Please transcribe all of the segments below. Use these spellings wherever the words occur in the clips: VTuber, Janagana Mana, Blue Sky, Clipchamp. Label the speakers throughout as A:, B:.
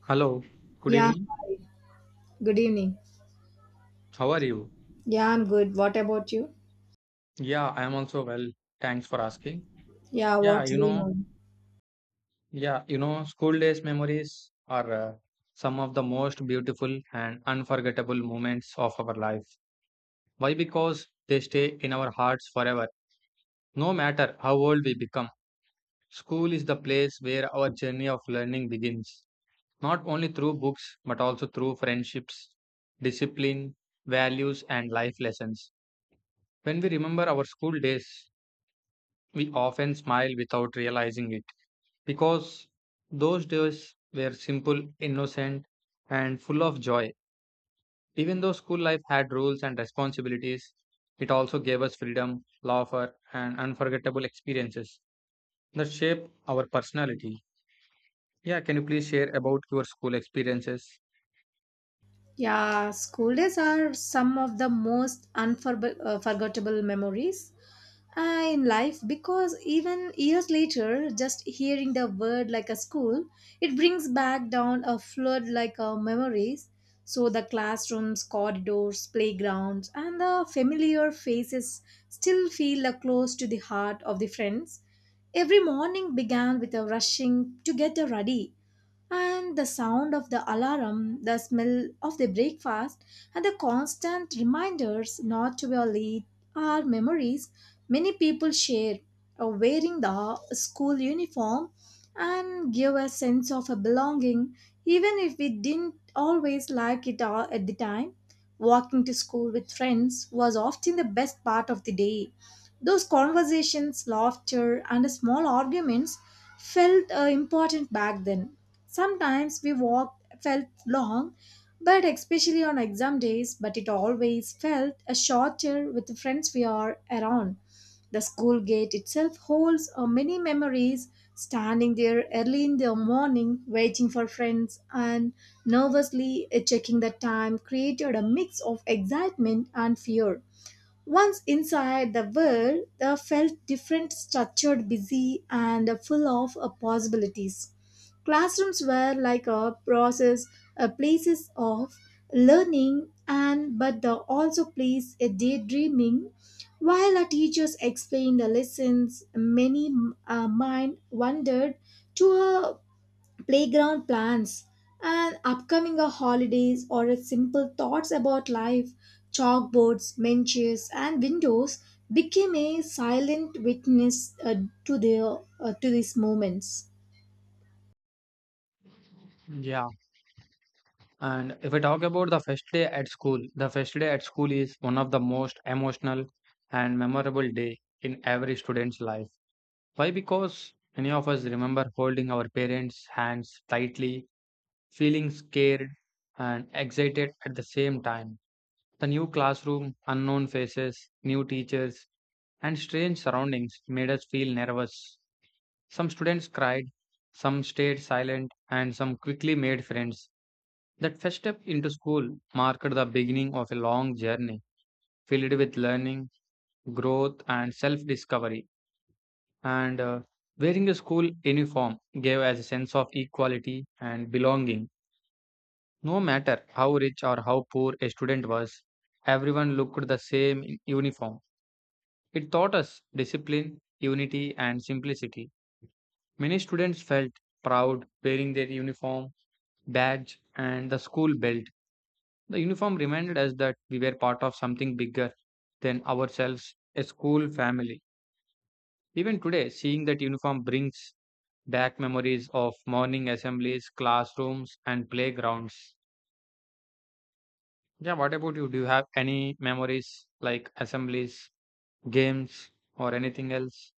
A: Hello, good
B: Yeah,
A: evening.
B: hi. Good evening.
A: How are you?
B: Yeah, I'm good. What about you?
A: Yeah, I am also well. Thanks for asking.
B: Yeah,
A: Yeah,
B: what's
A: you
B: going
A: know,
B: on?
A: school days memories are some of the most beautiful and unforgettable moments of our life. Why? Because they stay in our hearts forever, no matter how old we become. School is the place where our journey of learning begins, not only through books, but also through friendships, discipline, values, and life lessons. When we remember our school days, we often smile without realizing it because those days were simple, innocent, and full of joy. Even though school life had rules and responsibilities, it also gave us freedom, laughter, and unforgettable experiences that shape our personality. Yeah, can you please share about your school experiences?
B: Yeah, school days are some of the most unforgettable memories in life because even years later, just hearing the word like a school, it brings back down a flood like memories. So the classrooms, corridors, playgrounds, and the familiar faces still feel close to the heart of the friends. Every morning began with a rushing to get ready, and the sound of the alarm, the smell of the breakfast, and the constant reminders not to be late are memories many people share of wearing the school uniform and give a sense of a belonging, even if we didn't always like it all at the time. Walking to school with friends was often the best part of the day. Those conversations, laughter, and small arguments felt important back then. Sometimes we walked felt long, but especially on exam days, but it always felt a shorter with the friends we are around. The school gate itself holds many memories. Standing there early in the morning, waiting for friends and nervously checking the time created a mix of excitement and fear. Once inside the world, I felt different, structured, busy, and full of possibilities. Classrooms were like a process, a places of learning, and but the also place a daydreaming. While our teachers explained the lessons, many mind wandered to a playground plans and upcoming holidays or a simple thoughts about life. Chalkboards, benches, and windows became a silent witness uh, to their to these moments.
A: Yeah, and if I talk about the first day at school, the first day at school is one of the most emotional and memorable day in every student's life. Why? Because many of us remember holding our parents' hands tightly, feeling scared and excited at the same time. The new classroom, unknown faces, new teachers, and strange surroundings made us feel nervous. Some students cried, some stayed silent, and some quickly made friends. That first step into school marked the beginning of a long journey filled with learning, growth, and self discovery. And Wearing a school uniform gave us a sense of equality and belonging. No matter how rich or how poor a student was, everyone looked the same in uniform. It taught us discipline, unity, and simplicity. Many students felt proud wearing their uniform, badge, and the school belt. The uniform reminded us that we were part of something bigger than ourselves, a school family. Even today, seeing that uniform brings back memories of morning assemblies, classrooms, and playgrounds. Yeah, what about you? Do you have any memories like assemblies, games, or anything else?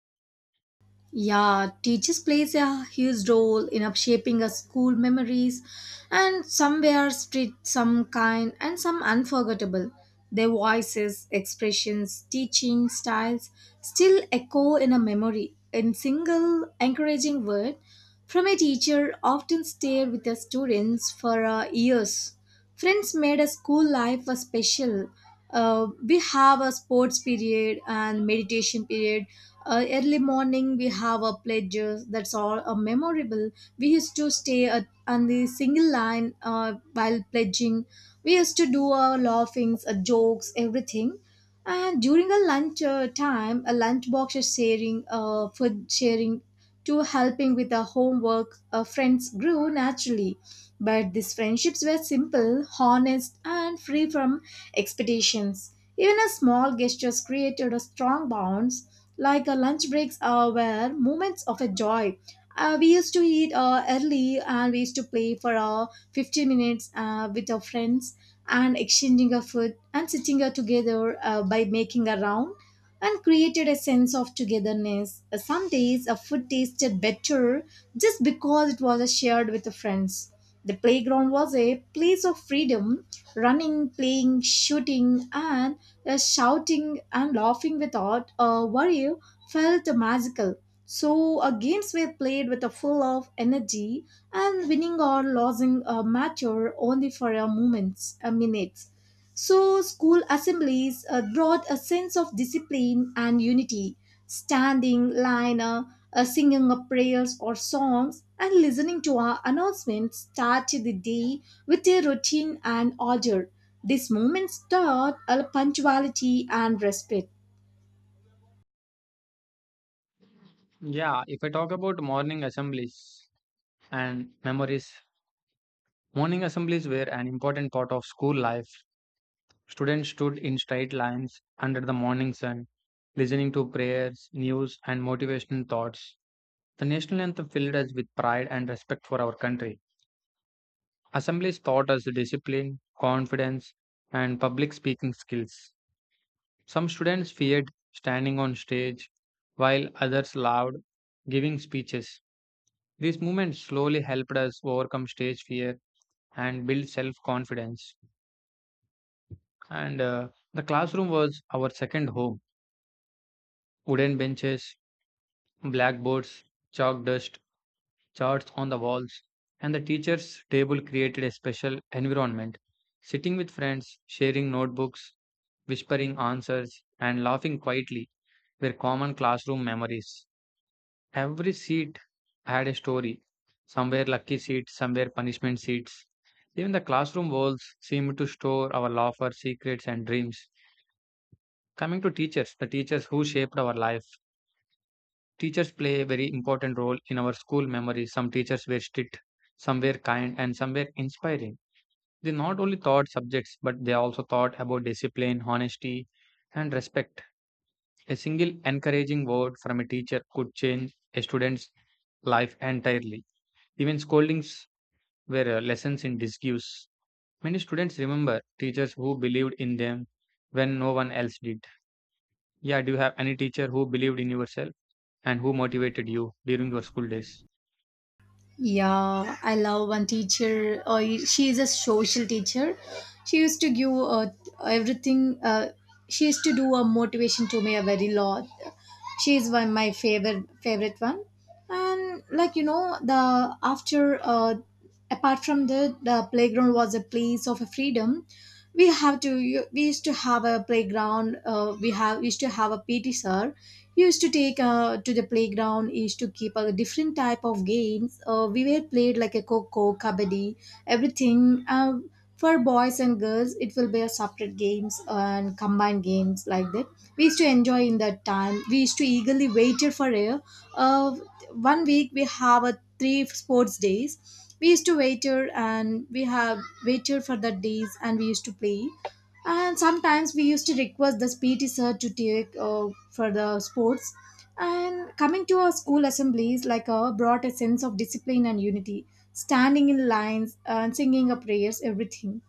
B: Yeah, teachers plays a huge role in up shaping a school memories, and some were strict, some kind, and some unforgettable. Their voices, expressions, teaching styles still echo in a memory in single encouraging word from a teacher often stayed with the students for years. Friends made a school life a special. We have a sports period and meditation period. Early morning we have a pledges. That's all a memorable. We used to stay at, on the single line while pledging. We used to do our laughings, jokes, everything. And during a lunch time, a lunch box is sharing, food sharing to helping with the homework, friends grew naturally. But these friendships were simple, honest, and free from expectations. Even a small gestures created a strong bonds, like a lunch breaks were moments of a joy. We used to eat early, and we used to play for 15 minutes with our friends, and exchanging our food and sitting together by making a round and created a sense of togetherness. Some days a food tasted better just because it was shared with the friends. The playground was a place of freedom, running, playing, shooting, and shouting and laughing without a worry felt magical. So, games were played with a full of energy, and winning or losing mattered only for a moments, a minutes. So, school assemblies brought a sense of discipline and unity, standing line, singing prayers or songs, and listening to our announcements started the day with a routine and order. This moment taught punctuality and respect.
A: Yeah, if I talk about morning assemblies and memories, morning assemblies were an important part of school life. Students stood in straight lines under the morning sun, listening to prayers, news, and motivational thoughts. The national anthem filled us with pride and respect for our country. Assemblies taught us discipline, confidence, and public speaking skills. Some students feared standing on stage, while others loved giving speeches. These movements slowly helped us overcome stage fear and build self confidence. And The classroom was our second home. Wooden benches, blackboards, chalk dust, charts on the walls, and the teacher's table created a special environment. Sitting with friends, sharing notebooks, whispering answers, and laughing quietly were common classroom memories. Every seat had a story. Some were lucky seats, some were punishment seats. Even the classroom walls seemed to store our laughter, secrets, and dreams. Coming to teachers, the teachers who shaped our life. Teachers play a very important role in our school memories. Some teachers were strict, some were kind, and some were inspiring. They not only taught subjects, but they also taught about discipline, honesty, and respect. A single encouraging word from a teacher could change a student's life entirely. Even scoldings were lessons in disguise. Many students remember teachers who believed in them when no one else did. Yeah, do you have any teacher who believed in yourself and who motivated you during your school days?
B: Yeah, I love one teacher. She is a social teacher. She used to give everything. She used to do a motivation to me a very lot. She is one my favorite one. And like the after apart from the playground was a place of freedom. We have to we used to have a playground. We used to have a PT sir used to take to the playground, used to keep a different type of games we were played like a coco kabaddi, everything for boys and girls. It will be a separate games and combined games, like that we used to enjoy. In that time we used to eagerly waited for a uh, one week we have a three sports days. We used to waiter, and we have waited for the days and we used to play, and sometimes we used to request this PT sir to take for the sports. And coming to our school assemblies, like brought a sense of discipline and unity, standing in lines and singing our prayers, everything.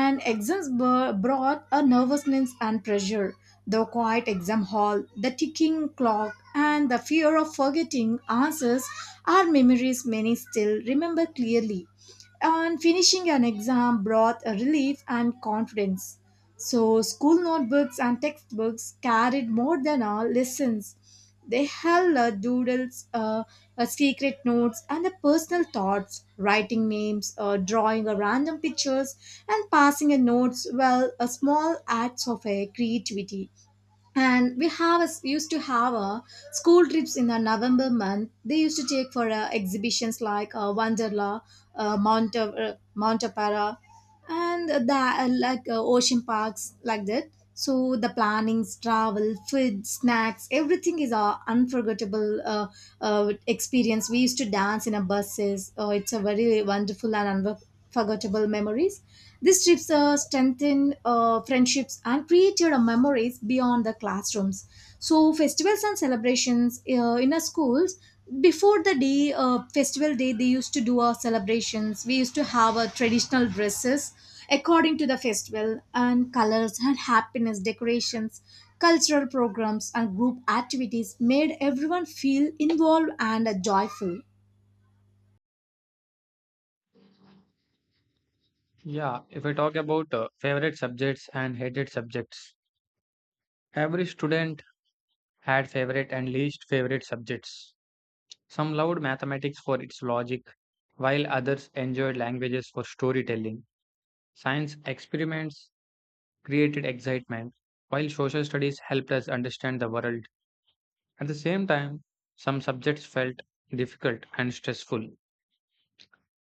B: And exams brought a nervousness and pressure. The quiet exam hall, the ticking clock, and the fear of forgetting answers are memories many still remember clearly, and finishing an exam brought a relief and confidence. So, school notebooks and textbooks carried more than our lessons. They held doodles, secret notes, and the personal thoughts, writing names, drawing a random pictures, and passing a notes. Well, a small acts of creativity. And we have a, used to have a school trips in the November month. They used to take for exhibitions like wanderla, mount Apara, and the like ocean parks, like that. So the plannings, travel, food, snacks, everything is a unforgettable experience. We used to dance in a buses. Oh, it's a very wonderful and unforgettable memories. These trips strengthen friendships and created memories beyond the classrooms. So festivals and celebrations in our schools, before the day festival day, they used to do our celebrations. We used to have our traditional dresses according to the festival, and colors and happiness, decorations, cultural programs, and group activities made everyone feel involved and joyful.
A: Yeah, if I talk about favorite subjects and hated subjects, every student had favorite and least favorite subjects. Some loved mathematics for its logic, while others enjoyed languages for storytelling. Science experiments created excitement, while social studies helped us understand the world. At the same time, some subjects felt difficult and stressful.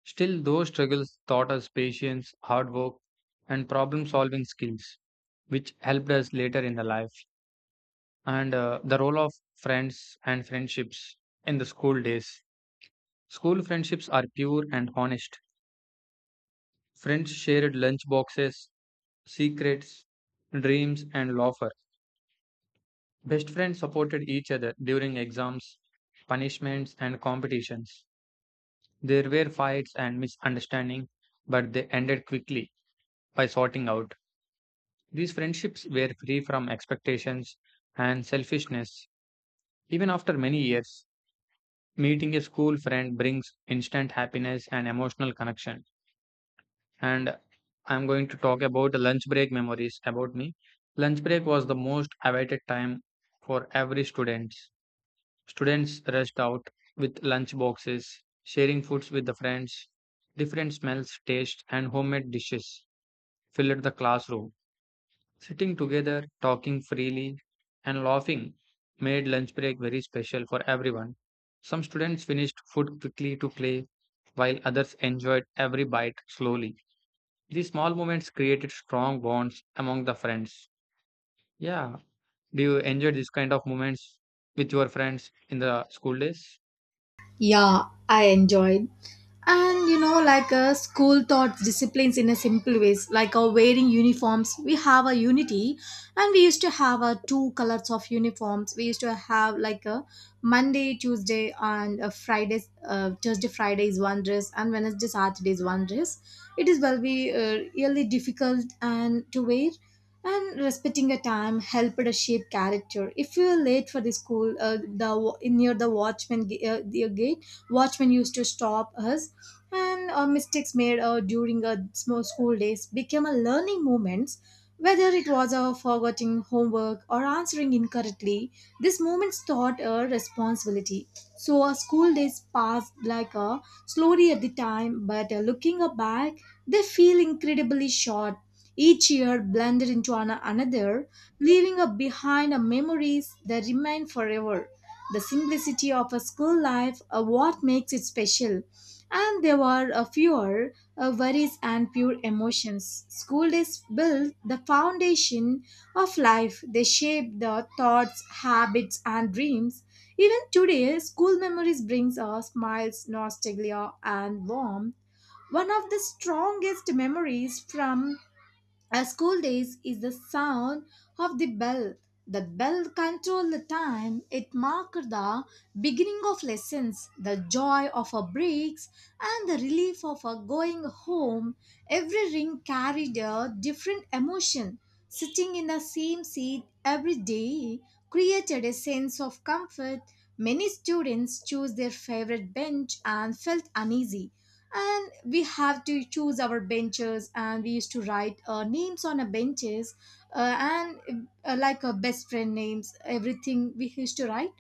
A: Still, those struggles taught us patience, hard work, and problem solving skills, which helped us later in the life. And the role of friends and friendships in the school days. School friendships are pure and honest. Friends shared lunch boxes, secrets, dreams, and laughter. Best friends supported each other during exams, punishments, and competitions. There were fights and misunderstandings, but they ended quickly by sorting out. These friendships were free from expectations and selfishness. Even after many years, meeting a school friend brings instant happiness and emotional connection. And I'm going to talk about the lunch break memories about me. Lunch break was the most awaited time for every student. Students rushed out with lunch boxes, sharing foods with the friends. Different smells, tastes, and homemade dishes filled the classroom. Sitting together, talking freely, and laughing made lunch break very special for everyone. Some students finished food quickly to play, while others enjoyed every bite slowly. These small moments created strong bonds among the friends. Yeah. Do you enjoy these kind of moments with your friends in the school days?
B: Yeah, I enjoyed. And you know, like school taught disciplines in a simple ways, like wearing uniforms we have a unity. And we used to have two colors of uniforms. We used to have like a Monday, Tuesday and a Friday, Thursday Friday is one dress and Wednesday Saturday is one dress. It is well be really difficult and to wear. And respecting a time helped to shape character. If you are late for the school, the near the watchman the gate watchman used to stop us. And mistakes made during a small school days became a learning moments, whether it was forgetting homework or answering incorrectly. These moments taught a responsibility. So our school days passed like a slowly at the time, but looking back, they feel incredibly short. Each year blended into another, leaving behind a memories that remain forever. The simplicity of a school life what makes it special, and there were a fewer worries and pure emotions. School days built the foundation of life. They shape the thoughts, habits, and dreams. Even today, school memories brings us smiles, nostalgia, and warmth. One of the strongest memories from our school days is the sound of the bell. The bell controlled the time. It marked the beginning of lessons, the joy of our breaks, and the relief of our going home. Every ring carried a different emotion. Sitting in the same seat every day created a sense of comfort. Many students chose their favorite bench and felt uneasy. And we have to choose our benches, and we used to write names on a benches, and like a best friend names, everything we used to write.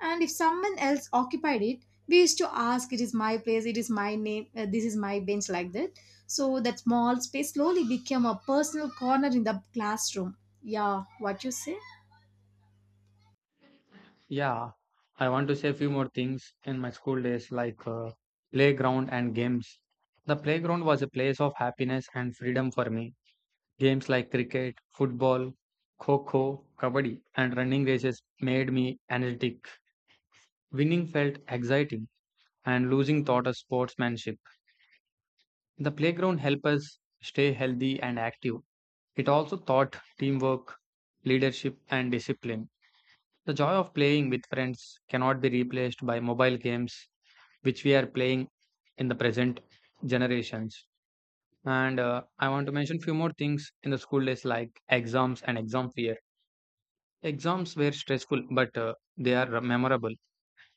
B: And if someone else occupied it, we used to ask, it is my place, it is my name, this is my bench, like that. So that small space slowly became a personal corner in the classroom. Yeah, what you say?
A: Yeah. I want to say a few more things in my school days, like playground and games. The playground was a place of happiness and freedom for me. Games like cricket, football, kho-kho, kabaddi, and running races made me energetic. Winning felt exciting, and losing taught us sportsmanship. The playground helped us stay healthy and active. It also taught teamwork, leadership, and discipline. The joy of playing with friends cannot be replaced by mobile games, which we are playing in the present generations. And I want to mention few more things in the school days like exams and exam fear. Exams were stressful, but they are memorable.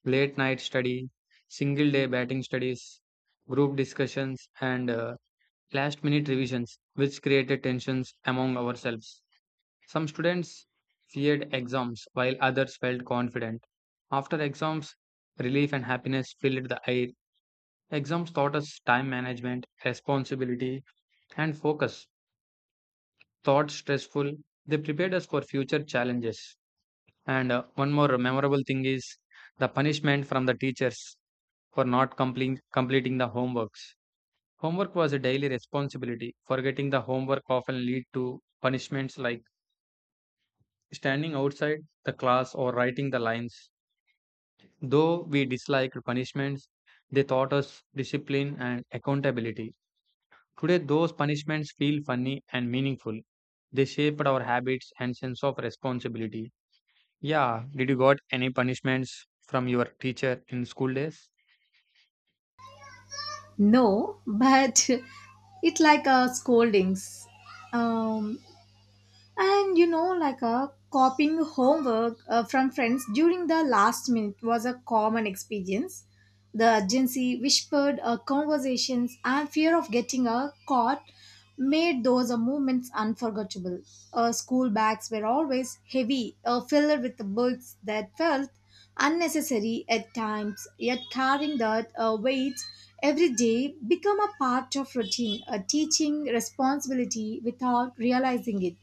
A: Late night study, single day batting studies, group discussions, and last minute revisions, which created tensions among ourselves. Some students feared exams while others felt confident. After exams, relief and happiness filled the air. Exams taught us time management, responsibility, and focus. Thought stressful, they prepared us for future challenges. And One more memorable thing is the punishment from the teachers for not complete, completing the homeworks. Homework was a daily responsibility. Forgetting the homework often lead to punishments like standing outside the class or writing the lines. Though we disliked punishments, they taught us discipline and accountability. Today, those punishments feel funny and meaningful. They shaped our habits and sense of responsibility. Yeah, did you got any punishments from your teacher in school days?
B: No, but it's like a scoldings. um And like a copying homework from friends during the last minute was a common experience. The urgency, whispered conversations, and fear of getting caught made those moments unforgettable. School bags were always heavy, filled with books that felt unnecessary at times, yet carrying that weight every day become a part of routine, a teaching responsibility without realizing it.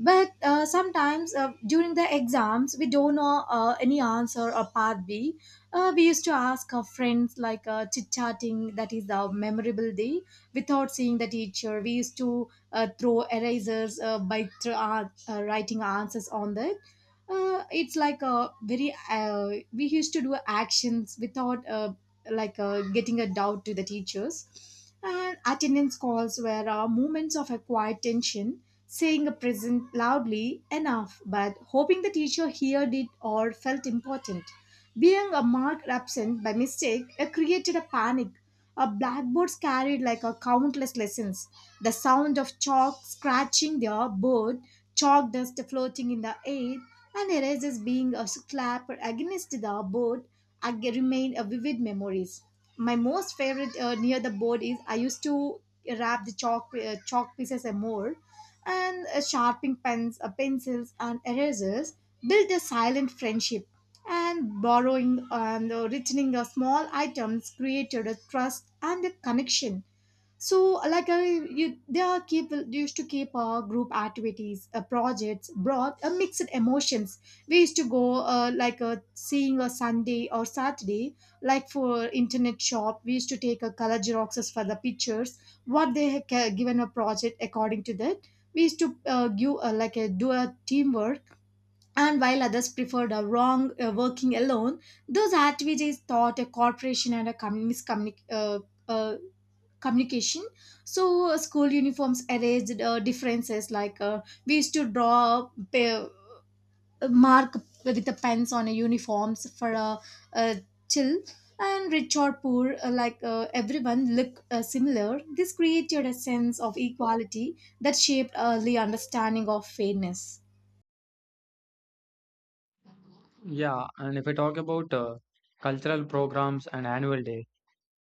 B: But sometimes during the exams we don't know any answer or path b, we used to ask our friends like chit chatting. That is the memorable day. Without seeing the teacher, we used to throw erasers writing answers on that. It's like a very, we used to do actions without like getting a doubt to the teachers. And attendance calls were moments of a quiet tension, saying a present loudly enough, but hoping the teacher heard it or felt important. Being a mark absent by mistake, it created a panic. Our blackboards carried like a countless lessons. The sound of chalk scratching their board, chalk dust floating in the air, and erasers being a slap against the board remain a vivid memories. My most favorite near the board is I used to wrap the chalk chalk pieces and more and sharpening pens, pencils, and erasers build a silent friendship. And borrowing and returning small items created a trust and a connection, so they are keep used to keep group activities projects brought mixed emotions. We used to go seeing a Sunday or Saturday, like for internet shop we used to take a color xeroxes for the pictures what they had given a project. According to that we used to give like a do a teamwork, and while others preferred a wrong working alone. Those activities taught a corporation and a uh, communication. So school uniforms erased differences, we used to mark with the pens on a uniforms for a chill, and rich or poor, everyone look similar. This created a sense of equality that shaped early understanding of fairness.
A: Yeah, and if I talk about cultural programs and annual days,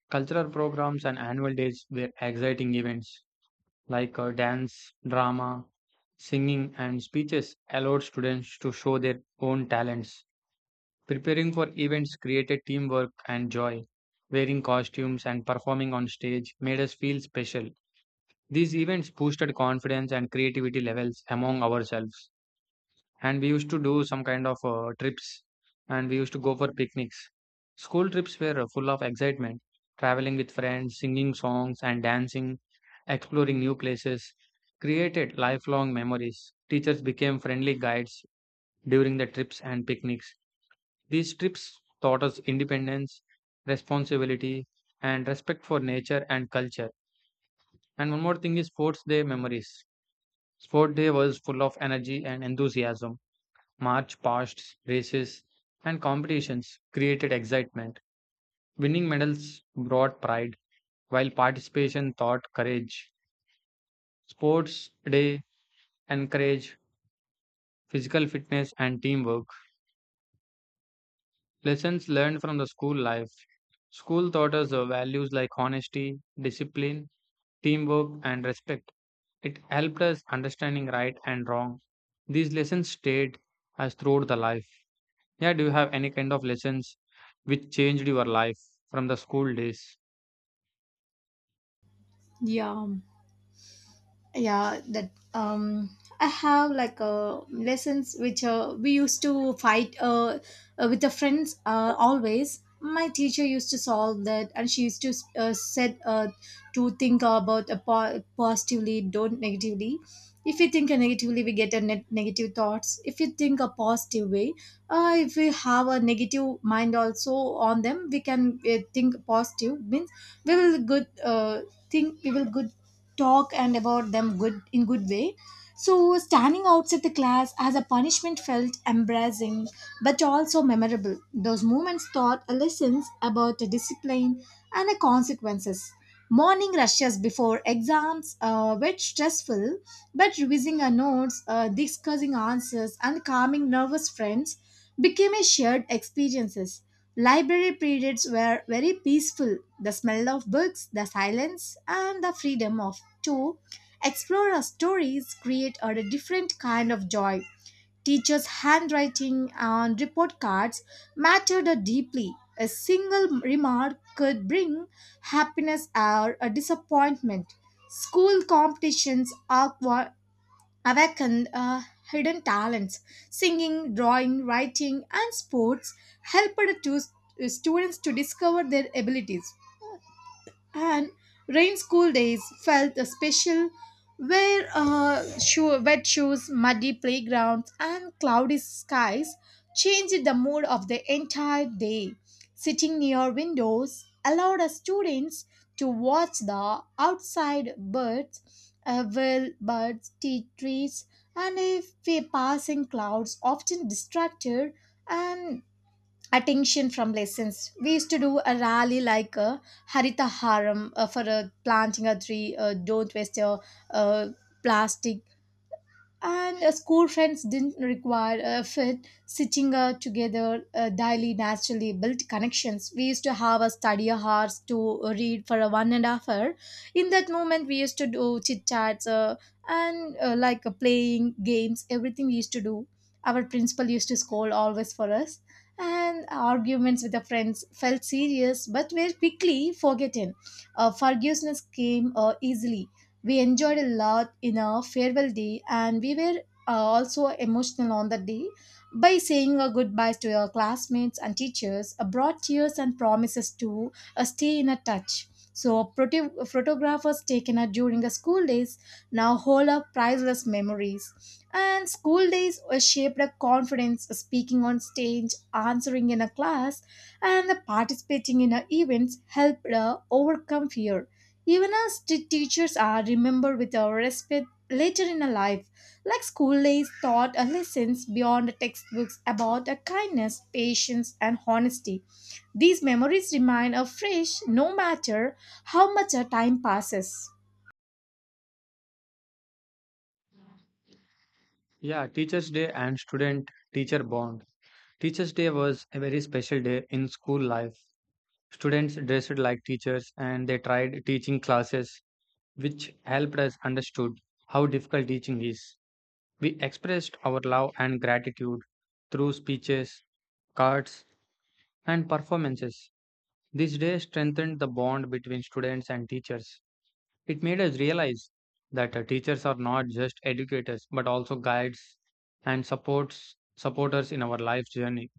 A: cultural programs and annual days were exciting events like dance, drama, singing, and speeches allowed students to show their own talents. Preparing for events created teamwork and joy. Wearing costumes and performing on stage made us feel special. These events boosted confidence and creativity levels among ourselves and we used to do some kind of trips and we used to go for picnics. School trips were full of excitement, traveling with friends, singing songs and dancing, exploring new places, created lifelong memories. Teachers became friendly guides during the trips and picnics. These trips taught us independence, responsibility, and respect for nature and culture. And one more thing is sports day memories. Sport day was full of energy and enthusiasm. March past races and competitions created excitement. Winning medals brought pride, while participation taught courage. Sports day encouraged physical fitness and teamwork. Lessons learned from the school life. School taught us the values like honesty, discipline, teamwork, and respect. It helped us understanding right and wrong. These lessons stayed as throughout the life. Yeah, do you have any kind of lessons which changed your life from the school days?
B: Yeah, yeah. That I have lessons which, we used to fight, with the friends. Always my teacher used to solve that, and she used to said to think about a positively, don't negatively. If we think negatively we get a net negative thoughts. If you think a positive way, if we have a negative mind also on them, we can think positive means we will good, think we will good talk and about them good in good way. So standing outside the class as a punishment felt embarrassing, but also memorable. Those moments taught lessons about the discipline and the consequences. Morning rushes before exams were stressful, but revising our notes, discussing answers, and calming nervous friends became a shared experiences. Library periods were very peaceful. The smell of books, the silence, and the freedom of to explore our stories create a different kind of joy. Teachers' handwriting on report cards mattered deeply. A single remark could bring happiness or a disappointment. School competitions awakened hidden talents. Singing, drawing, writing, and sports helped to, students to discover their abilities. And rain school days felt a special, where wet shoes, muddy playgrounds, and cloudy skies changed the mood of the entire day. Sitting near windows allowed us students to watch the outside birds, will birds, tea trees, and if we passing clouds often distracted and attention from lessons. We used to do a rally like a Harita Haram, for planting a tree, don't waste your uh, plastic, and school friends didn't require a fit sitting together daily. Naturally built connections. We used to have a study hours to read for a 1.5 hour. In that moment we used to do chit chats, and playing games, everything we used to do. Our principal used to scold always for us, and arguments with the friends felt serious but were quickly forgotten. Forgiveness came easily. We enjoyed a lot in our farewell day, and we were also emotional on that day. By saying our goodbyes to our classmates and teachers, brought tears and promises to stay in a touch. So, photographers taken during the school days now hold up priceless memories. And school days were shaped a confidence, speaking on stage, answering in a class, and participating in events helped overcome fear. Even as teachers are remembered with our respect later in our life, like school days taught us lessons beyond the textbooks about a kindness, patience, and honesty. These memories remain afresh no matter how much our time passes.
A: Yeah, Teachers' Day and student teacher bond. Teachers' Day was a very special day in school life. Students dressed like teachers and they tried teaching classes, which helped us understood how difficult teaching is. We expressed our love and gratitude through speeches, cards, and performances. This day strengthened the bond between students and teachers. It made us realize that teachers are not just educators but also guides and supports supporters in our life journey.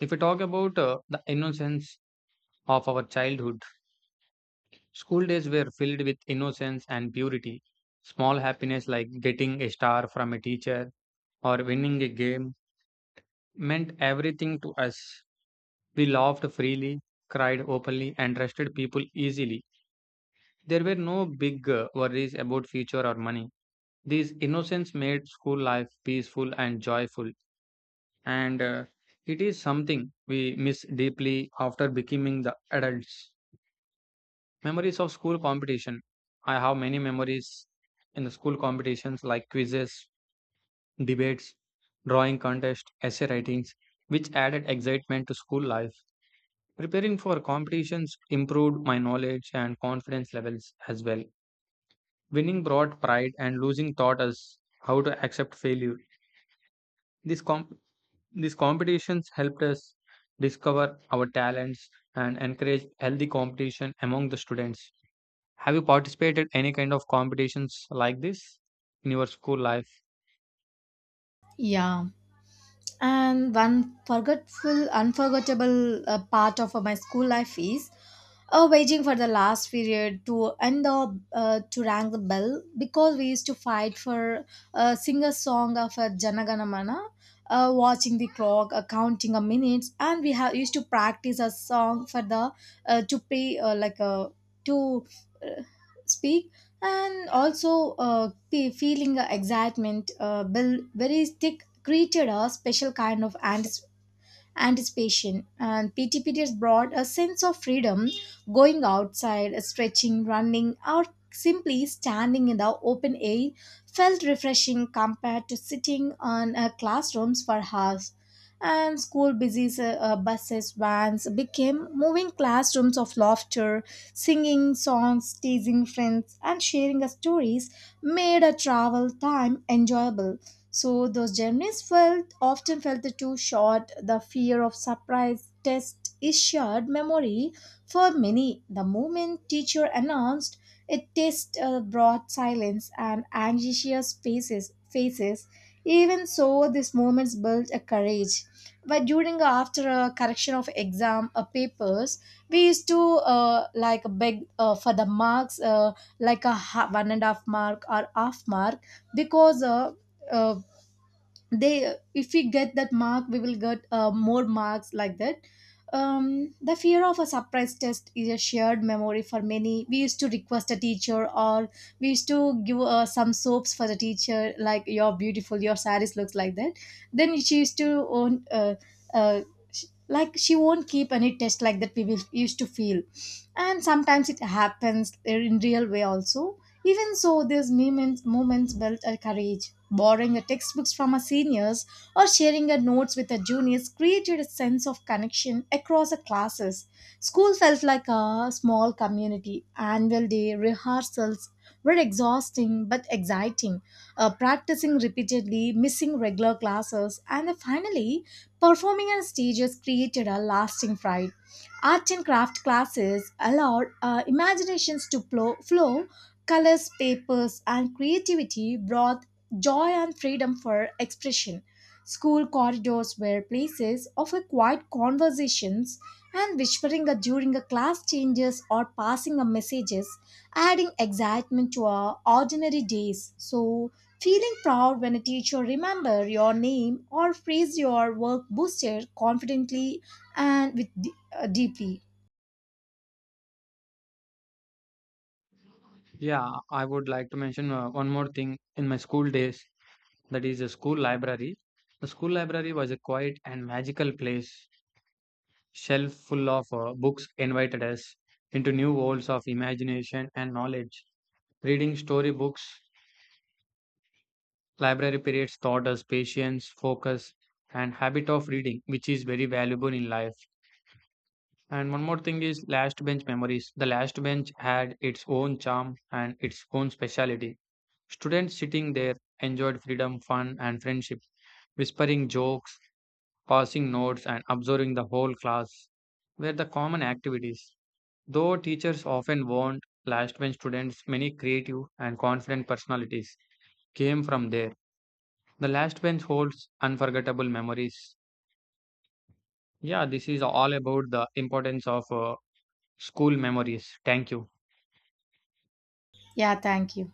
A: If we talk about the innocence of our childhood, school days were filled with innocence and purity. Small happiness like getting a star from a teacher or winning a game meant everything to us. We laughed freely, cried openly, and trusted people easily. There were no big worries about future or money. These innocence made school life peaceful and joyful, and it is something we miss deeply after becoming the adults. Memories of school competition. I have many memories in the school competitions like quizzes, debates, drawing contests, essay writings, which added excitement to school life. Preparing for competitions improved my knowledge and confidence levels as well. Winning brought pride, and losing taught us how to accept failure. This comp These competitions helped us discover our talents and encourage healthy competition among the students. Have you participated any kind of competitions like this in your school life?
B: Yeah. And one forgetful unforgettable part of my school life is waiting for the last period to end, the to rang the bell, because we used to fight for sing a song of Janagana Mana, watching the clock, counting the minutes, and we have used to practice a song for the, to pay, to uh, speak, and also feeling excitement build very thick, created a special kind of anticipation. And PT periods brought a sense of freedom, going outside, stretching, running, or simply standing in the open air felt refreshing compared to sitting on classrooms for hours. And school buses, buses, vans became moving classrooms of laughter, singing songs, teasing friends, and sharing stories, made a travel time enjoyable. So those journeys felt often felt too short. The fear of surprise test is shared memory for many. The moment teacher announced a test brought silence and anxious faces. Faces. Even so, these moments built a courage. But during after a correction of exam papers, we used to like beg for the marks, one and a half mark or half mark, because uh, they, if we get that mark we will get more marks like that. The fear of a surprise test is a shared memory for many. We used to request a teacher, or we used to give some soaps for the teacher, like you're beautiful, your saris looks like that, then she used to own, uh, like she won't keep any test like that we will- used to feel, and sometimes it happens in real way also. Even so, these moments built a courage. Borrowing a textbooks from our seniors or sharing our notes with our juniors created a sense of connection across the classes. School felt like a small community. Annual day rehearsals were exhausting but exciting. Practicing repeatedly, missing regular classes, and then finally performing on stages created a lasting pride. Art and craft classes allowed imaginations to flow, colors, papers, and creativity brought joy and freedom for expression. School corridors were places of a quiet conversations, and during a class changes or passing a messages, adding excitement to our ordinary days. So feeling proud when a teacher remember your name or praise your work boosted confidently and with deeply.
A: Yeah, I would like to mention one more thing in my school days that is a school library. The school library was a quiet and magical place. Shelf full of books invited us into new worlds of imagination and knowledge. Reading storybooks. Library periods taught us patience, focus, and habit of reading, which is very valuable in life. And one more thing is last bench memories. The last bench had its own charm and its own speciality. Students sitting there enjoyed freedom, fun, and friendship, whispering jokes, passing notes, and observing the whole class were the common activities. Though teachers often warned last bench students, many creative and confident personalities came from there. The last bench holds unforgettable memories. Yeah, this is all about the importance of school memories. Thank you.
B: Yeah, thank you.